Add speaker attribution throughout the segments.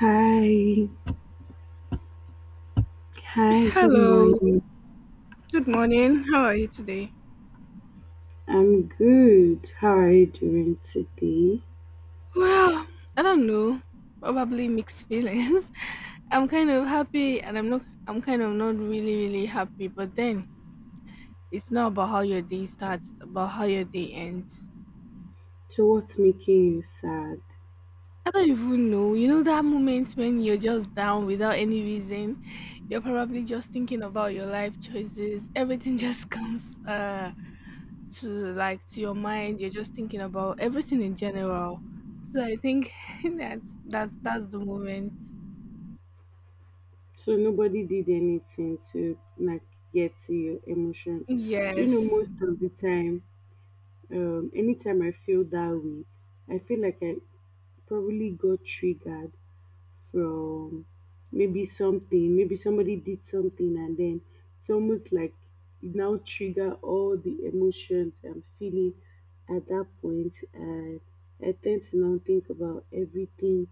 Speaker 1: Hi, hi, good
Speaker 2: Hello,
Speaker 1: morning.
Speaker 2: good morning. How are you today?
Speaker 1: I'm good. How are you doing today?
Speaker 2: Well, I don't know. Probably mixed feelings. I'm kind of happy and I'm kind of not really really happy, but then it's not about how your day starts, it's about how your day ends.
Speaker 1: So, what's making you sad?
Speaker 2: I don't even know. You know that moment when you're just down without any reason. You're probably just thinking about your life choices. Everything just comes to your mind, you're just thinking about everything in general, so I think that's the moment.
Speaker 1: So, nobody did anything to like get to your emotions. Do you know,
Speaker 2: Yes.
Speaker 1: most of the time, anytime I feel that way, I feel like I probably got triggered from maybe something, maybe somebody did something, and then it's almost like it now trigger all the emotions I'm feeling at that point, and I tend to now think about everything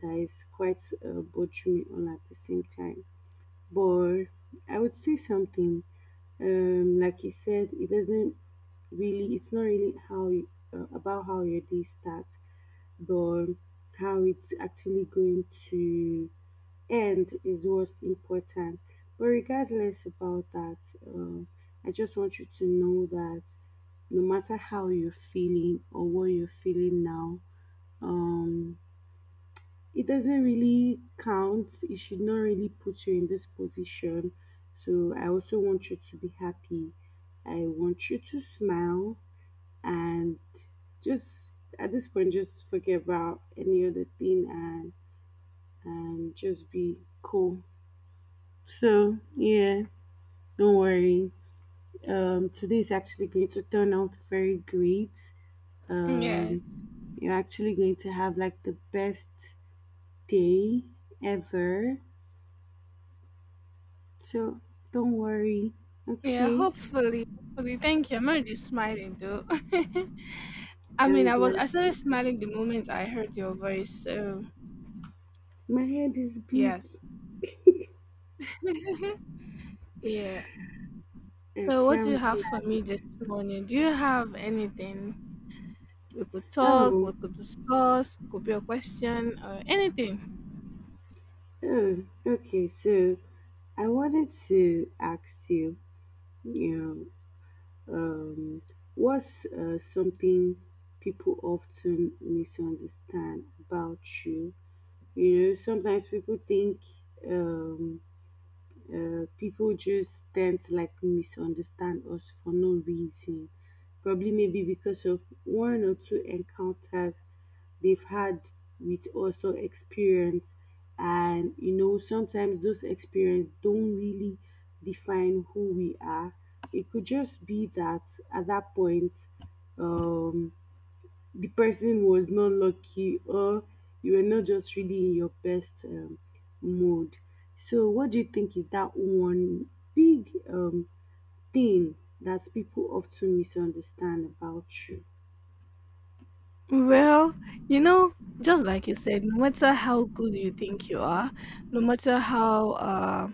Speaker 1: that is quite bothering me all at the same time. But I would say something, like you said, it doesn't really, it's not really how you, about how your day starts, but how it's actually going to end is what's important. But regardless about that, um, I just want you to know that no matter how you're feeling or what you're feeling now, um, it doesn't really count. It should not really put you in this position. So I also want you to be happy. I want you to smile and just at this point, just forget about any other thing and just be cool. So, yeah, don't worry. Today is actually going to turn out very great.
Speaker 2: Yes.
Speaker 1: Um, you're actually going to have like the best day ever. So, don't worry.
Speaker 2: Yeah,
Speaker 1: Okay,
Speaker 2: hopefully. Thank you, I'm already smiling though. I mean,
Speaker 1: I'm
Speaker 2: I started
Speaker 1: glad.
Speaker 2: smiling the moment I heard your voice, so
Speaker 1: My head is big.
Speaker 2: yes. Yeah. So
Speaker 1: Okay,
Speaker 2: what do you
Speaker 1: I'm
Speaker 2: have for
Speaker 1: glad.
Speaker 2: me this morning? Do you have anything? we could talk we
Speaker 1: Oh,
Speaker 2: could discuss, could be a question or anything.
Speaker 1: oh, okay. So, I wanted to ask you, you know, um, what's something people often misunderstand about you? You know, sometimes people think um, people just tend to like misunderstand us for no reason. Probably maybe because of one or two encounters they've had with us or experience. And you know, sometimes those experience don't really define who we are. It could just be that at that point, um, the person was not lucky or you were not just really in your best mode. So, what do you think is that one big thing that people often misunderstand about you?
Speaker 2: Well, you know, just like you said, no matter how good you think you are, no matter how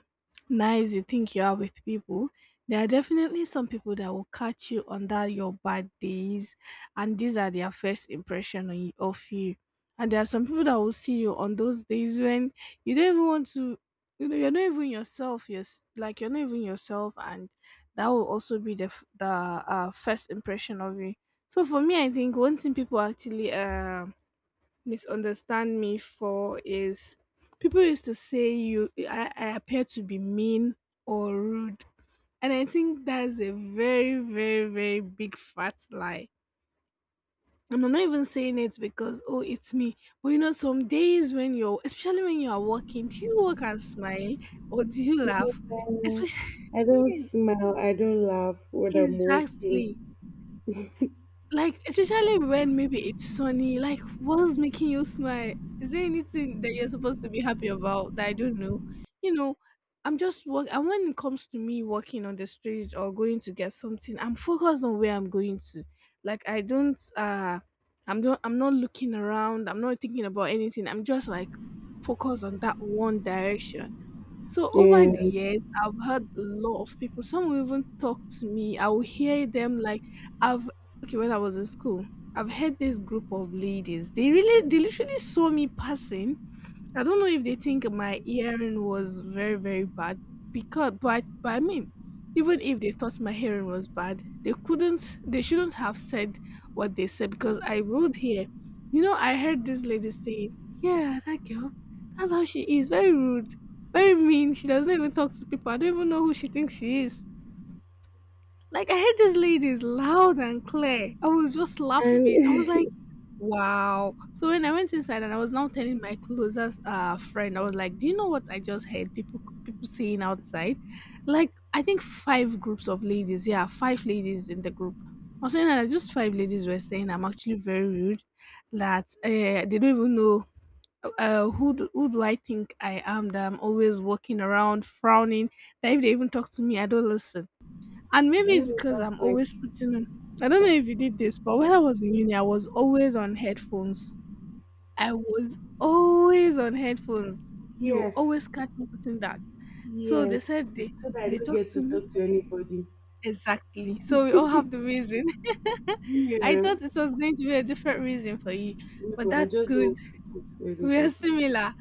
Speaker 2: nice you think you are with people, there are definitely some people that will catch you on that your bad days, and these are their first impression on of you. And there are some people that will see you on those days when you don't even want to, you're not even yourself. Like you're not even yourself, and that will also be the first impression of you. So for me, I think one thing people actually misunderstand me for is people used to say I appear to be mean or rude, and I think that's a very very very big fat lie. And I'm not even saying it because, oh, it's me, but you know, some days when you're, especially when you are working, do you work and smile, or do you
Speaker 1: Yeah.
Speaker 2: laugh? Especially
Speaker 1: I don't
Speaker 2: yes,
Speaker 1: smile, I don't laugh when I'm
Speaker 2: exactly.
Speaker 1: working.
Speaker 2: Like, especially when maybe it's sunny, like, what's making you smile? Is there anything that you're supposed to be happy about that I don't know? You know, I'm just work. And when it comes to me walking on the street or going to get something, I'm focused on where I'm going to. Like, I don't, I'm don't, I'm not looking around. I'm not thinking about anything. I'm just like focused on that one direction. So over the
Speaker 1: Yeah.
Speaker 2: years, I've had a lot of people. Some will even talk to me. I will hear them. Like I've, okay, when I was in school, I've had this group of ladies. They really, they literally saw me passing. I don't know if they think my hearing was very, very bad because, but I mean, even if they thought my hearing was bad, they couldn't, they shouldn't have said what they said because I would hear. You know, I heard this lady say, "Yeah, that girl, that's how she is. Very rude, very mean. She doesn't even talk to people. I don't even know who she thinks she is." Like, I heard this lady, is loud and clear. I was just laughing. I was
Speaker 1: And
Speaker 2: like. Wow. So when I went inside and I was now telling my closest friend, I was like, "Do you know what I just heard people saying outside?" Like, I think five groups of ladies, yeah, five ladies in the group. I was saying that just five ladies were saying I'm actually very rude, that they don't even know who do I think I am, that I'm always walking around frowning, that if they even talk to me, I don't listen, and
Speaker 1: do
Speaker 2: maybe
Speaker 1: you
Speaker 2: it's
Speaker 1: know
Speaker 2: because I'm
Speaker 1: that's like,
Speaker 2: always putting on. I don't know if you did this, but when I was in uni, I was always on headphones. I was always on headphones. You
Speaker 1: yes,
Speaker 2: always catch me putting that. So they
Speaker 1: yes.
Speaker 2: said
Speaker 1: So that I
Speaker 2: they
Speaker 1: don't
Speaker 2: talked
Speaker 1: get to
Speaker 2: to me,
Speaker 1: talk to anybody.
Speaker 2: exactly. So we all have the reason. I
Speaker 1: Yeah.
Speaker 2: thought this was going to be a different reason for you, but
Speaker 1: No, I
Speaker 2: that's
Speaker 1: just
Speaker 2: good.
Speaker 1: don't want to talk to
Speaker 2: We are
Speaker 1: anybody.
Speaker 2: similar.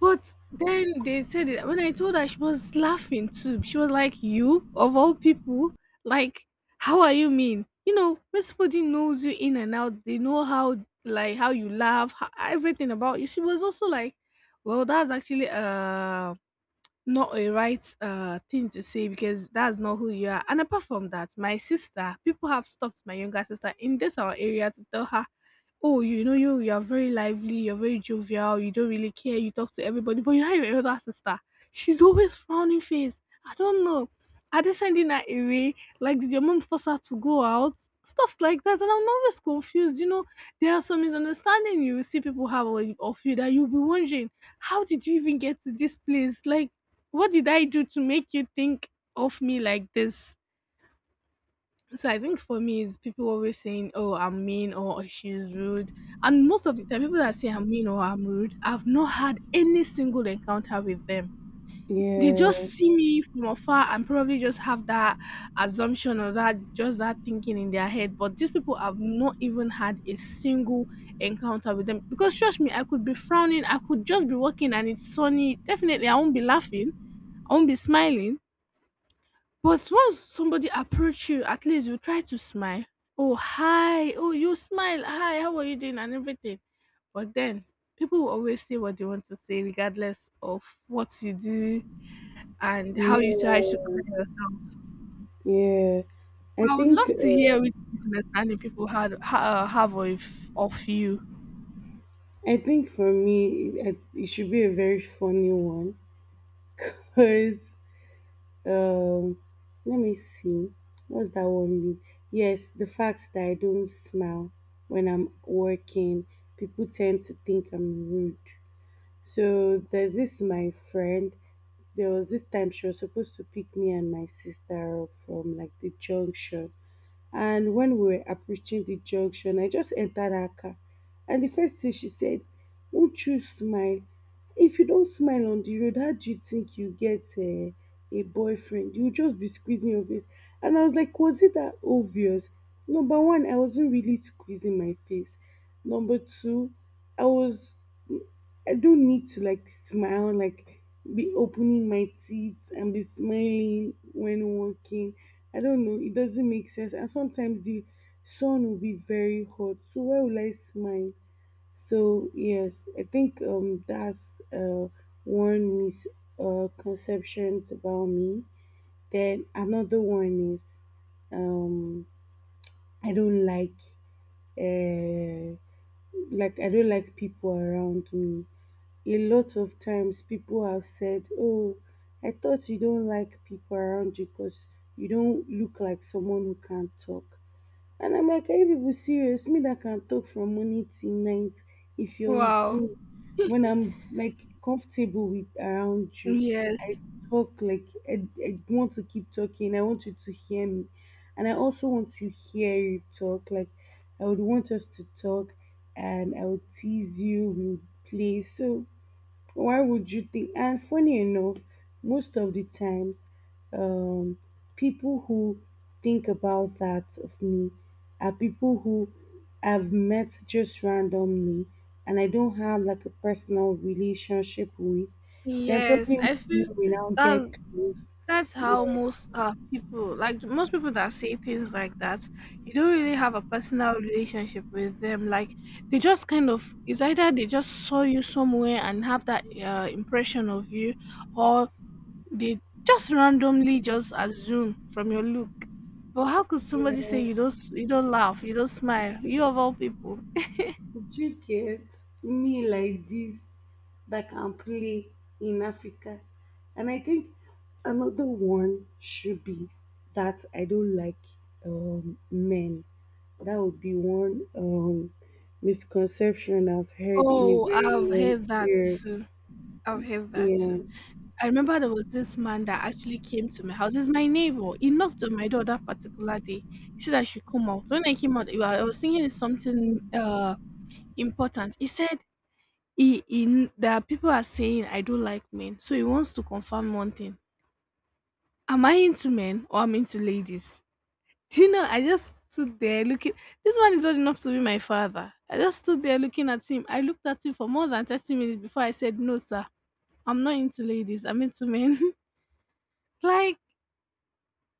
Speaker 2: But then they said it. When I told her, she was laughing too. She was like, "You of all people, like, how are you mean?" You know, when somebody knows you in and out, they know how, like how you laugh, how, everything about you. She was also like, "Well, that's actually not a right thing to say because that's not who you are." And apart from that, my sister, people have stopped my younger sister in this our area to tell her, "Oh, you know, you are very lively, you're very jovial, you don't really care, you talk to everybody, but you have your elder sister. She's always frowning face. I don't know. Are they sending her away? Like did your mom force her to go out?" Stuff like that, and I'm always confused. You know, there are some misunderstanding you will see people have of you that you'll be wondering, how did you even get to this place? Like, what did I do to make you think of me like this? So I think for me is people always saying, "Oh, I'm mean" or "Oh, she's rude," and most of the time, people that say I'm mean or I'm rude, I've not had any single encounter with them. They
Speaker 1: Yeah,
Speaker 2: just see me from afar and probably just have that assumption, or that just that thinking in their head. But these people have not even had a single encounter with them because, trust me, I could be frowning, I could just be walking and it's sunny. Definitely, I won't be laughing, I won't be smiling. But once somebody approach you, at least you try to smile. Oh, hi. Oh, you smile. Hi, how are you doing? And everything. But then people will always say what they want to say, regardless of what you do and how you try to
Speaker 1: yeah,
Speaker 2: carry yourself.
Speaker 1: yeah. I
Speaker 2: I would
Speaker 1: think
Speaker 2: love to hear
Speaker 1: uh,
Speaker 2: which misunderstanding people have of you.
Speaker 1: I think for me it should be a very funny one because um, let me see, what's that one mean? Yes, the fact that I don't smile when I'm working, people tend to think I'm rude. So there's this my friend. There was this time she was supposed to pick me and my sister up from like the junction. And when we were approaching the junction, I just entered her car. And the first thing she said, "Won't you smile? If you don't smile on the road, how do you think you get a boyfriend? You'll just be squeezing your face." And I was like, was it that obvious? Number one, I wasn't really squeezing my face. Number two, I was I don't need to like smile, like be opening my teeth and be smiling when walking. I don't know, it doesn't make sense. And sometimes the sun will be very hot, so why will I smile? So yes, I think that's uh one misconception about me. Then another one is um I don't uh like I don't like people around me. A lot of times people have said, "Oh, I thought you don't like people around you because you don't look like someone who can talk." And I'm like, are you people serious? Me that can talk from morning till night if you're with
Speaker 2: Wow.
Speaker 1: me. When I'm like comfortable with around you, I
Speaker 2: Yes.
Speaker 1: talk like I want to keep talking. I want you to hear me. And I also want to hear you talk. Like I would want us to talk and I would tease you, we would play. So why would you think? And funny enough, most of the times, um, people who think about that of me are people who I've met just randomly and I don't have like a personal relationship with. Then
Speaker 2: Yes,
Speaker 1: probably
Speaker 2: I feel
Speaker 1: we now get
Speaker 2: that
Speaker 1: close.
Speaker 2: that's how
Speaker 1: Yeah.
Speaker 2: most people like most people that say things like that, you don't really have a personal relationship with them. Like, they just kind of, it's either they just saw you somewhere and have that impression of you, or they just randomly just assume from your look. But how could somebody say
Speaker 1: Yeah.
Speaker 2: you don't laugh, you don't smile, you of all people?
Speaker 1: Did you get me like this that can play in Africa? And I think another one should be that I don't like men. That would be one misconception I've heard in a
Speaker 2: Oh,
Speaker 1: very
Speaker 2: I've heard
Speaker 1: long
Speaker 2: that
Speaker 1: period.
Speaker 2: too. I've heard that
Speaker 1: Yeah.
Speaker 2: too. I remember there was this man that actually came to my house. He's my neighbor. He knocked on my door that particular day. He said I should come out. When I came out, I was thinking it's something important. He said that people are saying I don't like men, so he wants to confirm one thing: am I into men or am into ladies? Do you know? I just stood there looking. This man is old enough to be my father. I just stood there looking at him. I looked at him for more than 30 minutes before I said, "No, sir, I'm not into ladies. I'm into men." Like,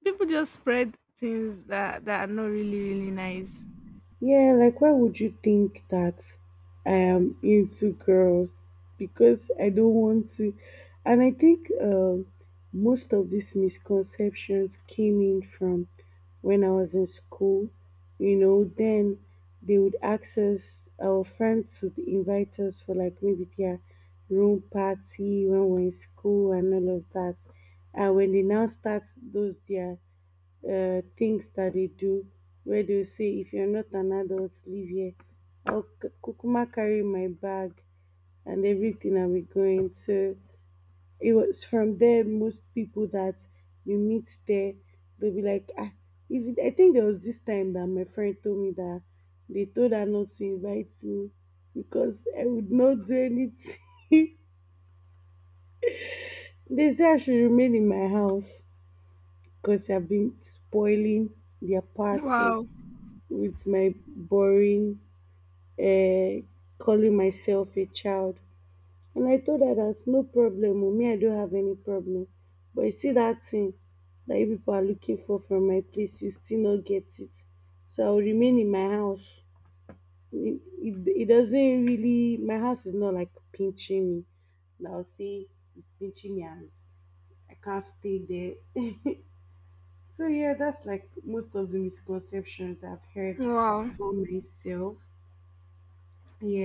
Speaker 2: people just spread things that are not really really nice.
Speaker 1: Yeah, like why would you think that I am into girls? Because I don't want to. And I think most of these misconceptions came in from when I was in school. You know, then they would ask us, our friends would invite us for like maybe their room party when we're in school and all of that. And when they now start those their things that they do, where they say if you're not an adult leave here, I'll kukuma carry my bag and everything and we're going. So it was from there most people that you meet there, they'll be like, ah, is it? I think there was this time that my friend told me that they told her not to invite me because I would not do anything. They say I should remain in my house because I've been spoiling their parties
Speaker 2: Wow.
Speaker 1: with my boring uh, calling myself a child. And I thought that that's no problem. Oh, me, I don't have any problem. But you see that thing that you people are looking for from my place, you still not get it. So I will remain in my house. It doesn't really, my house is not like pinching me. Now say it's pinching me and I can't stay there. So yeah, that's like most of the misconceptions I've heard
Speaker 2: Wow.
Speaker 1: about myself.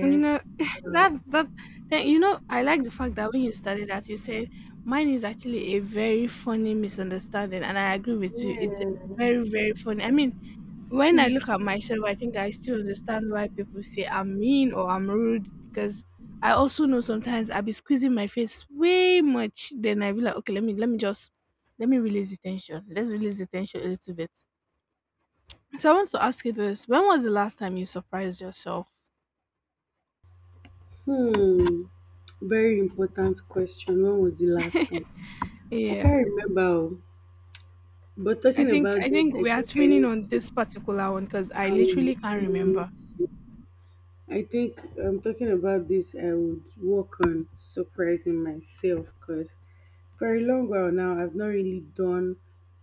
Speaker 2: You know,
Speaker 1: Uh,
Speaker 2: that's that. Then, you know, I like the fact that when you started that, you said mine is actually a very funny misunderstanding, and I agree with you. It's
Speaker 1: yeah.
Speaker 2: very very funny. I mean, when I look at myself, I think I still understand why people say I'm mean or I'm rude because I also know sometimes I be squeezing my face way much. Then I be like, okay, let me just let me release the tension. Let's release the tension a little bit. So I want to ask you this: when was the last time you surprised yourself?
Speaker 1: Hmm. Very important question. When was the last time? I
Speaker 2: Yeah.
Speaker 1: can't remember. Oh. But
Speaker 2: I
Speaker 1: talking
Speaker 2: think
Speaker 1: about
Speaker 2: I
Speaker 1: this,
Speaker 2: think
Speaker 1: I
Speaker 2: we are
Speaker 1: think I
Speaker 2: twinning
Speaker 1: need
Speaker 2: on
Speaker 1: to.
Speaker 2: this particular one because I
Speaker 1: I really
Speaker 2: literally can't
Speaker 1: need
Speaker 2: remember.
Speaker 1: to. I think I'm talking about this. I would work on surprising myself because for a long while now, I've not really done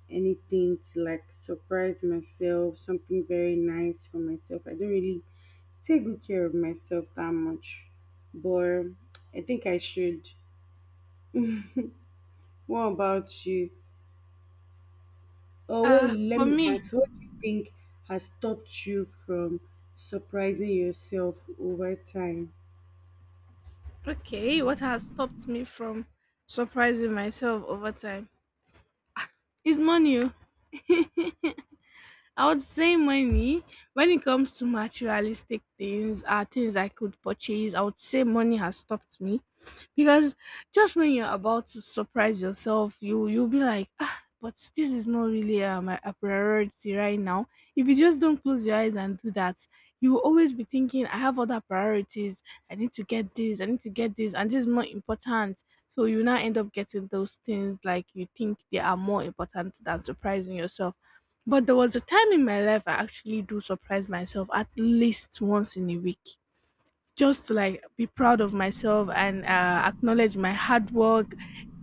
Speaker 1: anything to like surprise myself, something very nice for myself. I don't really take good care of myself that much. But I think I should. What about you? Oh,
Speaker 2: Uh,
Speaker 1: let
Speaker 2: for
Speaker 1: me
Speaker 2: me,
Speaker 1: ask, what do you think has stopped you from surprising yourself over time?
Speaker 2: okay, what has stopped me from surprising myself over time is money. Oh. I would say money. When it comes to materialistic things, things I could purchase, I would say money has stopped me because just when you're about to surprise yourself, you'll be like, ah, but this is not really a priority right now. If you just don't close your eyes and do that, you will always be thinking, I have other priorities. I need to get this. I need to get this, and this is more important. So you now end up getting those things, like you think they are more important than surprising yourself. But there was a time in my life I actually do surprise myself at least once in a week just to like be proud of myself and acknowledge my hard work.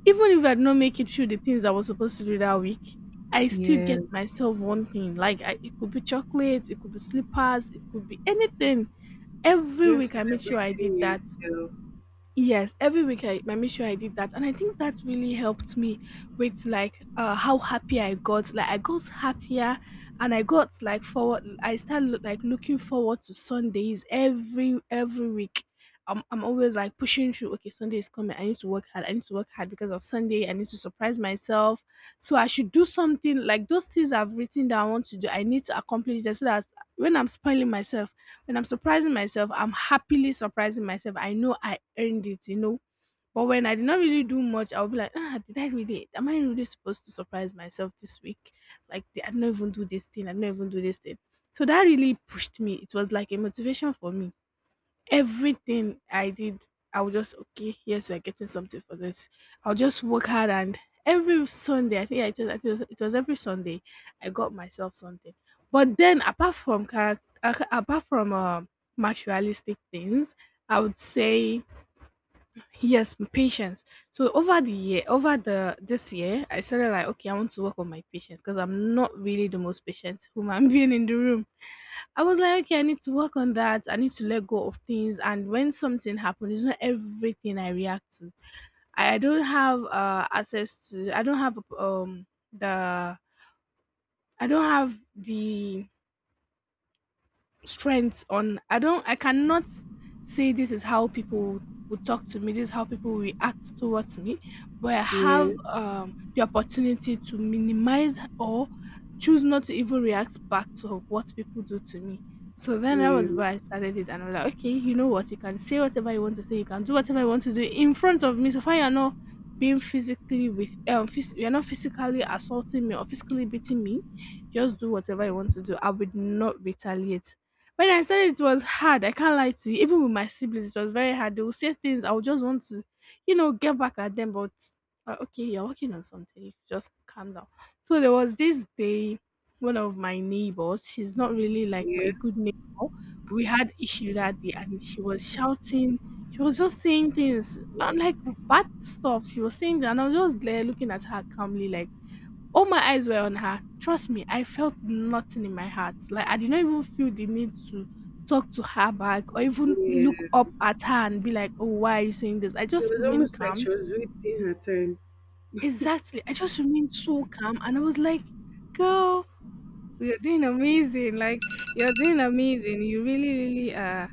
Speaker 2: Even if I did not make it through the things I was supposed to do that week, I still
Speaker 1: Yeah.
Speaker 2: get myself one thing. Like it could be chocolates, it could be slippers, it could be anything. Every
Speaker 1: Just
Speaker 2: week I made sure
Speaker 1: celebrating
Speaker 2: I did that.
Speaker 1: yourself.
Speaker 2: Yes, every week I make sure I did that. And I think that really helped me with like how happy I got. Like I got happier, and I got like forward I start like looking forward to Sundays every week. I'm always like pushing through, okay, Sunday is coming. I need to work hard. I need to work hard because of Sunday. I need to surprise myself. So I should do something like those things I've written that I want to do. I need to accomplish that so that when I'm spoiling myself, when I'm surprising myself, I'm happily surprising myself. I know I earned it. But when I did not really do much, I'll be like, ah, did I really? Am I really supposed to surprise myself this week? Like, I did not even do this thing. I did not even do this thing. So that really pushed me. It was like a motivation for me. Everything I did, I was just okay. Yes, we're getting something for this. I'll just work hard, and every Sunday, I think I just, I think it was every Sunday, I got myself something. But then, apart from character, apart from materialistic things, I would say yes, patience. So over the year, over the this year, I started like, okay, I want to work on my patience because I'm not really the most patient human being in the room. I was like, okay, I need to work on that. I need to let go of things. And when something happens, it's not everything I react to. I don't have access to. I don't have the. I don't have the strength on. I cannot say this is how people would talk to me, this is how people react towards me, but I have
Speaker 1: Yeah,
Speaker 2: the opportunity to minimize or choose not to even react back to what people do to me. So then that
Speaker 1: yeah,
Speaker 2: was why I started it, and I'm like, okay, you know what, you can say whatever you want to say, you can do whatever you want to do in front of me, so far you're not being physically with phys- you're not physically assaulting me or physically beating me. Just do whatever you want to do. I would not retaliate. When I said it was hard, I can't lie to you. Even with my siblings, it was very hard. They would say things I would just want to get back at them. But okay, you're working on something. You just calm down. So there was this day, one of my neighbors. She's not really like a
Speaker 1: yeah,
Speaker 2: good neighbor. We had issue that day, and she was shouting. She was just saying things, not like bad stuff. She was saying that, and I was just there looking at her calmly, like all my eyes were on her. Trust me, I felt nothing in my heart. Like I did not even feel the need to talk to her back or even look
Speaker 1: yeah.
Speaker 2: up at her and be like, "Oh, why are you saying this?" I
Speaker 1: It
Speaker 2: just
Speaker 1: was
Speaker 2: remained
Speaker 1: almost like
Speaker 2: calm.
Speaker 1: she was waiting her turn.
Speaker 2: Exactly. I just remained so calm, and I was like, "Girl, you're doing amazing. Like you're doing amazing. You really, really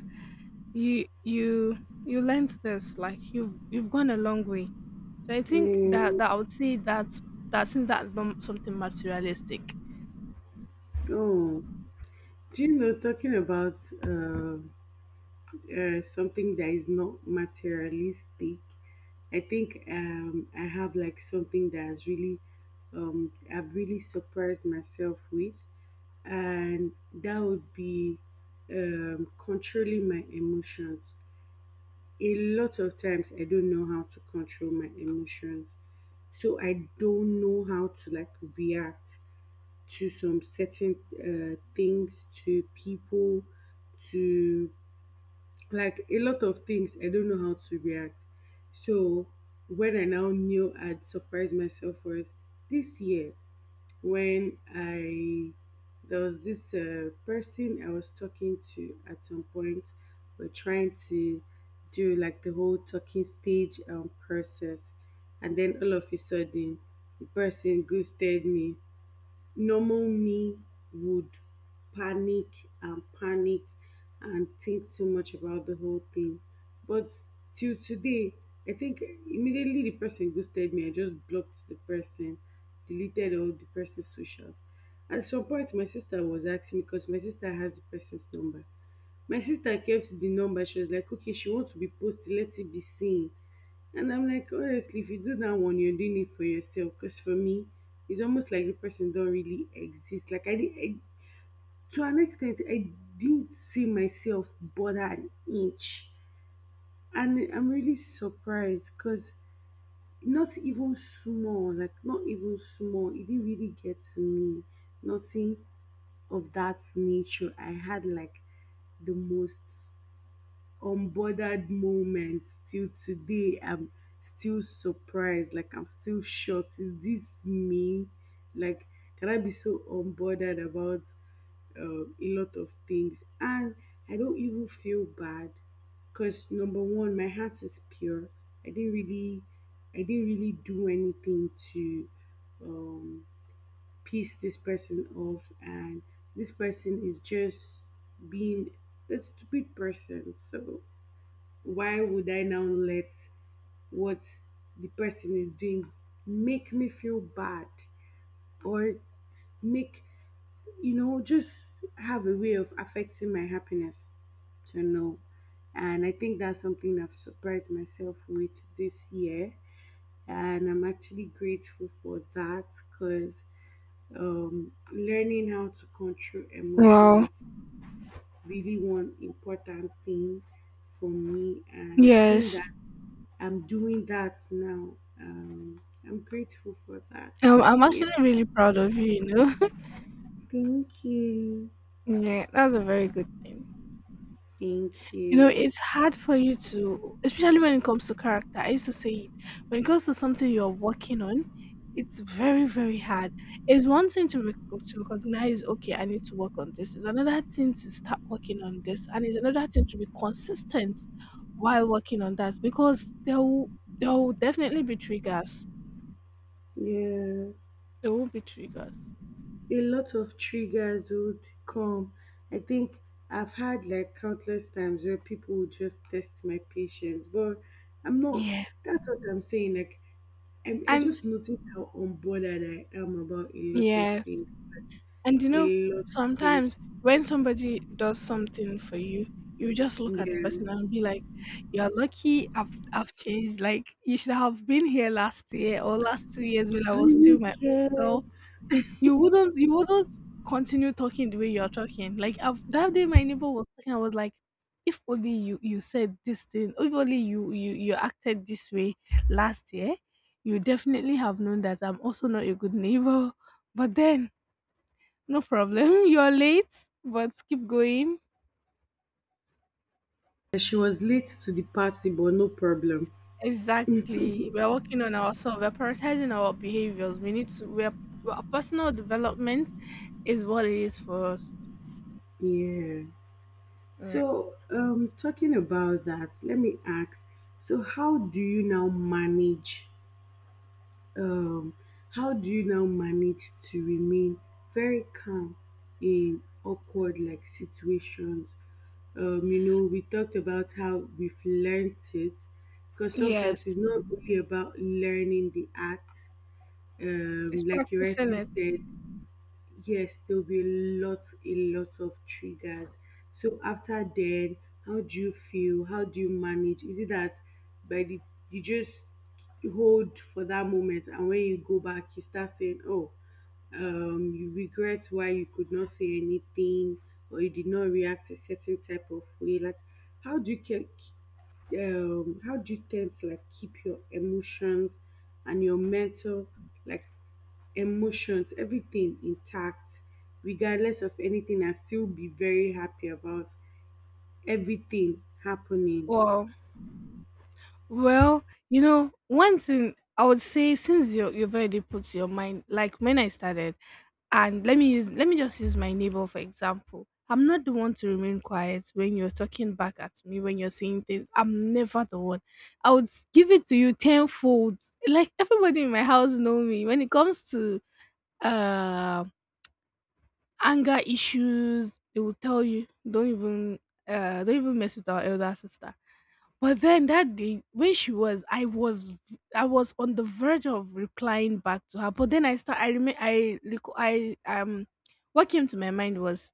Speaker 2: you you you learned this. Like you've gone a long way." So I think that
Speaker 1: Yeah.
Speaker 2: that I would say that's that, since that's not something materialistic.
Speaker 1: Oh, do you know, talking about something that is not materialistic, I think I have like something that has really, I've really surprised myself with, and that would be controlling my emotions. A lot of times, I don't know how to control my emotions, so I don't know how to like react to some certain things, to people, to like a lot of things I don't know how to react. So when I now knew I'd surprised myself was this year when I there was this person I was talking to at some point. We're trying to do like the whole talking stage process, and then all of a sudden the person ghosted me. Normal me would panic and panic and think too much about the whole thing. But till today, I think immediately the person ghosted me, I just blocked the person, deleted all the person's socials. At some point, my sister was asking me because my sister has the person's number. My sister came to the number. She was like, okay, she wants to be posted. Let it be seen. And I'm like, honestly, if you do that one, you're doing it for yourself. Because for me, it's almost like the person don't really exist. Like I, did, I to an extent, I didn't see myself bother an inch, and I'm really surprised because not even small, like not even small, it didn't really get to me. Nothing of that nature. I had like the most unbothered moment. Till today I'm still surprised, like I'm still shocked. Is this me? Like, can I be so unbothered about a lot of things and I don't even feel bad? Because number one, my heart is pure. i didn't really I didn't really do anything to um piss this person off, and this person is just being a stupid person. So why would I now let what the person is doing make me feel bad or make, you know, just have a way of affecting my happiness? So, no. And I think that's something I've surprised myself with this year. And I'm actually grateful for that because learning how to control
Speaker 2: Wow.
Speaker 1: emotions really one important thing for me, and seeing
Speaker 2: Yes.
Speaker 1: that I'm doing that now. I'm grateful for that.
Speaker 2: I'm
Speaker 1: Yeah,
Speaker 2: actually really proud of you, you know.
Speaker 1: thank you.
Speaker 2: Yeah, that's a very good thing.
Speaker 1: Thank
Speaker 2: You know,
Speaker 1: you.
Speaker 2: it's hard for you to, especially when it comes to character. I used to say it. When it comes to something you're working on, it's very, very hard. It's one thing to recognize, okay, I need to work on this. It's another thing to start working on this. And it's another thing to be consistent while working on that because there will definitely be triggers.
Speaker 1: Yeah,
Speaker 2: There will be triggers.
Speaker 1: a lot of triggers would come. I think I've had like countless times where people would just test my patience, but I'm not.
Speaker 2: Yeah.
Speaker 1: That's what I'm saying. Like, I
Speaker 2: And
Speaker 1: just noticed how unbothered I am about a lot of
Speaker 2: yeah,
Speaker 1: things.
Speaker 2: and you
Speaker 1: A
Speaker 2: know,
Speaker 1: lot of things.
Speaker 2: sometimes when somebody does something for you, you just look at the
Speaker 1: Yeah.
Speaker 2: person and be like, "You're lucky. I've changed. Like you should have been here last year or last 2 years when I
Speaker 1: Do
Speaker 2: was still
Speaker 1: you
Speaker 2: my old
Speaker 1: get?
Speaker 2: self. You wouldn't continue talking the way you're talking. Like I've, that day, my neighbor was talking. I was like, if only you said this thing. If only you acted this way last year, you definitely have known that I'm also not a good neighbor. But then, no problem. You're late, but keep going."
Speaker 1: She was late to the party, but no problem.
Speaker 2: Exactly. We're working on ourselves. We're prioritizing our behaviors. We need to. We're Personal development is what it is for us.
Speaker 1: Yeah.
Speaker 2: Yeah.
Speaker 1: So, talking about that, let me ask. So, how do you now manage? Um, how do you now manage to remain very calm in awkward like situations? We talked about how we've learned it, because sometimes
Speaker 2: Yes.
Speaker 1: it's not really about learning the act.
Speaker 2: It's
Speaker 1: Like you
Speaker 2: practicing
Speaker 1: rightly
Speaker 2: it.
Speaker 1: said, yes, there'll be a lot of triggers. So after then, how do you feel? How do you manage? Is it that by the you just hold for that moment, and when you go back, you start saying, "Oh, you regret why you could not say anything, or you did not react a certain type of way." Like, how do you how do you tend to like keep your emotions and your mental like emotions, everything intact, regardless of anything, and still be very happy about everything happening.
Speaker 2: Wow. Well, you know, one thing I would say, since you've already put your mind, like when I started, and let me just use my neighbor for example. I'm not the one to remain quiet when you're talking back at me, when you're saying things. I'm never the one. I would give it to you tenfold. Like everybody in my house know me. When it comes to um anger issues, they will tell you, don't even mess with our elder sister. But then, that day when she was, I was on the verge of replying back to her, but then I start I remember I recall. I What came to my mind was,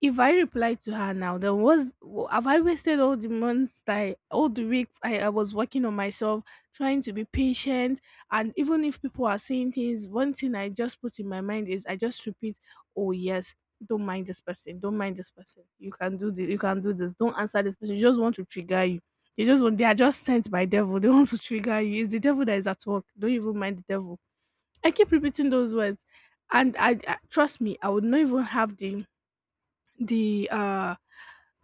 Speaker 2: if I reply to her now, then was have I wasted all the months that all the weeks I was working on myself, trying to be patient, and even if people are saying things, one thing I just put in my mind is I just repeat, oh yes, don't mind this person, don't mind this person, you can do this, you can do this, don't answer this person, you just want to trigger you. They are just sent by devil, they want to trigger you. It's the devil that is at work. Don't even mind the devil. I keep repeating those words, and trust me, I would not even have the uh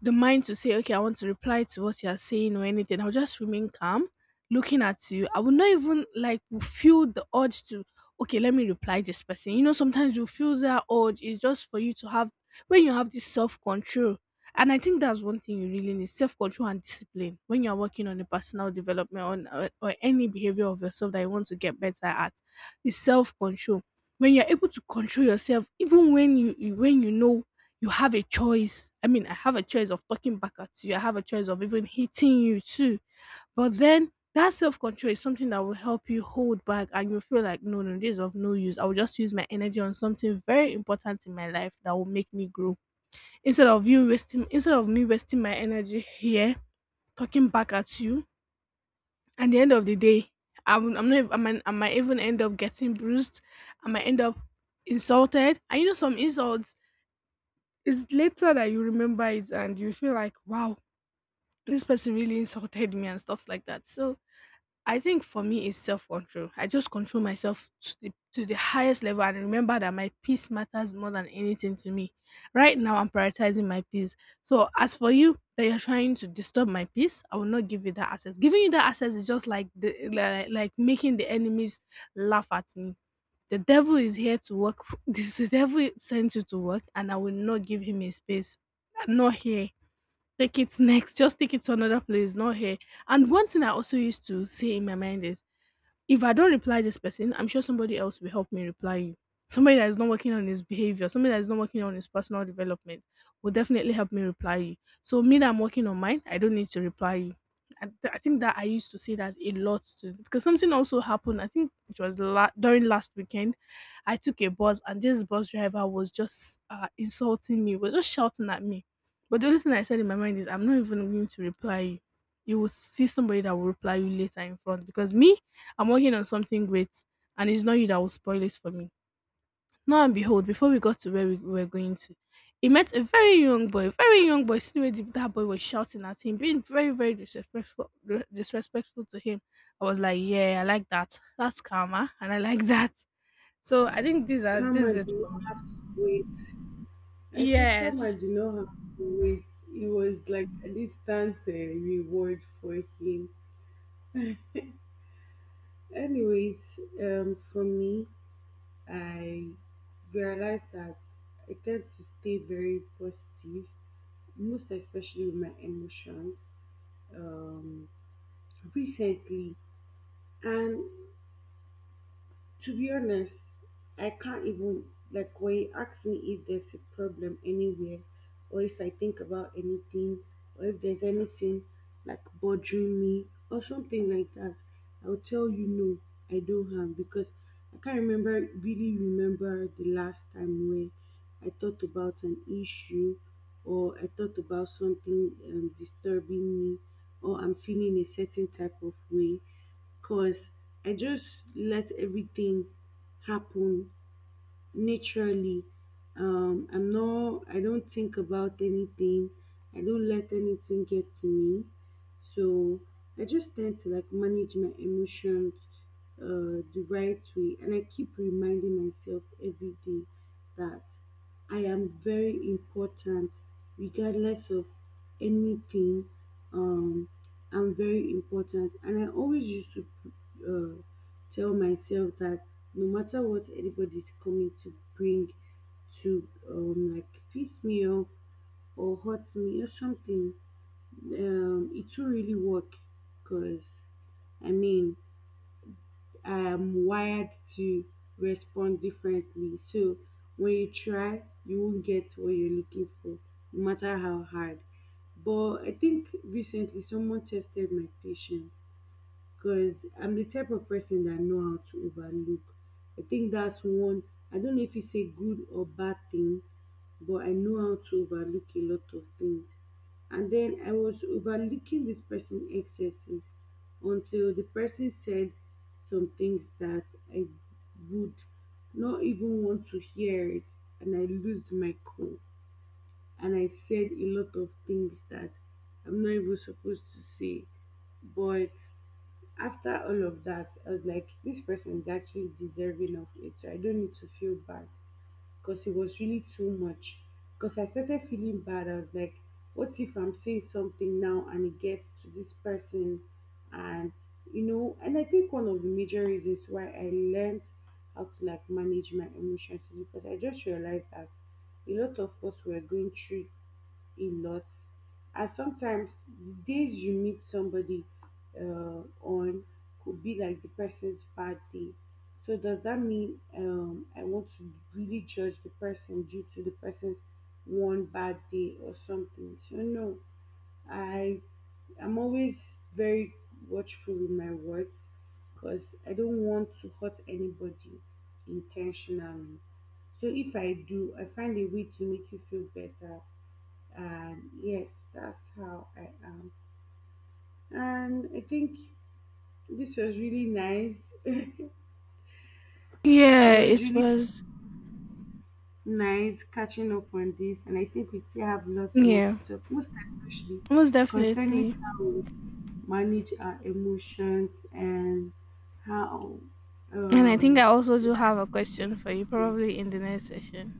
Speaker 2: the mind to say, okay, I want to reply to what you're saying or anything. I'll just remain calm, looking at you. I will not even like feel the urge to, okay, let me reply this person. You know, sometimes you feel that urge is just for you to have, when you have this self control. And I think that's one thing you really need, self control and discipline, when you're working on a personal development on, or any behavior of yourself that you want to get better at is self control. When you're able to control yourself, even when when you know you have a choice. I mean, I have a choice of talking back at you. I have a choice of even hitting you too. But then that self control is something that will help you hold back, and you feel like, no, no, this is of no use. I will just use my energy on something very important in my life that will make me grow. Instead of me wasting my energy here talking back at you, at the end of the day, I'm not. I might even end up getting bruised. I might end up insulted. And you know, some insults, it's later that you remember it, and you feel like, wow, this person really insulted me and stuff like that. So I think for me, it's self control. I just control myself to the highest level and remember that my peace matters more than anything to me. Right now, I'm prioritizing my peace. So, as for you, that you're trying to disturb my peace, I will not give you that access. Giving you that access is just like making the enemies laugh at me. The devil is here to work. The devil sent you to work, and I will not give him a space. Not here. Take it next. Just take it to another place. Not here. And one thing I also used to say in my mind is, if I don't reply this person, I'm sure somebody else will help me reply you. Somebody that is not working on his behavior, somebody that is not working on his personal development will definitely help me reply you. So me, that I'm working on mine, I don't need to reply you. I think that I used to say that a lot too because something also happened. I think it was during last weekend. I took a bus, and this bus driver was just insulting me, was just shouting at me. But the only thing I said in my mind is, I'm not even going to reply you. You will see somebody that will reply you later in front, because me, I'm working on something great, and it's not you that will spoil it for me. Now and behold, before we got to where we were going to, he met a very young boy, very young boy. See the way that boy was shouting at him, being very, very disrespectful, disrespectful to him. I was like, yeah, I like that. That's karma, and I like that. So I think these are this
Speaker 1: Karma
Speaker 2: is it
Speaker 1: do
Speaker 2: for
Speaker 1: not
Speaker 2: me.
Speaker 1: have to wait. I say karma
Speaker 2: Yes.
Speaker 1: do not have to wait. It was like a distant reward for him. Anyways, for me, I realized that I tend to stay very positive, most especially with my emotions, um, recently. And to be honest, I can't even like when you ask me if there's a problem anywhere or if I think about anything or if there's anything like bothering me or something like that, I'll tell you no, I don't have because I can't remember really remember the last time where I thought about an issue or I thought about something disturbing me or I'm feeling a certain type of way cause I just let everything happen naturally. I don't think about anything. I don't let anything get to me. So I just tend to like manage my emotions the right way. And I keep reminding myself every day that I am very important regardless of anything. Um, I'm very important. And I always used to uh, tell myself that no matter what anybody's coming to bring to like piss me off or hurt me or something it will really work because I mean I am wired to respond differently, so when you try you won't get what you're looking for no matter how hard. But I think recently someone tested my patience because I'm the type of person that know how to overlook. I think that's one. I don't know if it's a good or bad thing, but I know how to overlook a lot of things. And then I was overlooking this person excesses until the person said some things that I would not even want to hear it, and I lost my cool. And I said a lot of things that I'm not even supposed to say, but after all of that, I was like, this person is actually deserving of it. So I don't need to feel bad because it was really too much. Because I started feeling bad. I was like, what if I'm saying something now and it gets to this person? And, you know, and I think one of the major reasons why I learned how to like manage my emotions is because I just realized that a lot of us were going through a lot. And sometimes the days you meet somebody on could be like the person's bad day. So does that mean I want to really judge the person due to the person's one bad day or something? So no, I I'm always very watchful with my words because I don't want to hurt anybody intentionally. So if I do, I find a way to make you feel better, and yes, that's how I am. And I think this was really nice. It
Speaker 2: Yeah,
Speaker 1: was
Speaker 2: it
Speaker 1: really
Speaker 2: was.
Speaker 1: nice catching up on this, and I think we still have lots more
Speaker 2: Yeah,
Speaker 1: to talk, most especially
Speaker 2: most
Speaker 1: concerning
Speaker 2: definitely.
Speaker 1: how we manage our emotions and how
Speaker 2: And I think I
Speaker 1: um
Speaker 2: also do have
Speaker 1: life
Speaker 2: a
Speaker 1: is.
Speaker 2: question for you,
Speaker 1: Yeah,
Speaker 2: probably in the next session.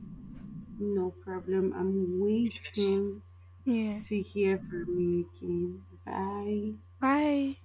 Speaker 1: no problem. I'm waiting
Speaker 2: Yeah.
Speaker 1: to hear from you again. Bye.
Speaker 2: Bye.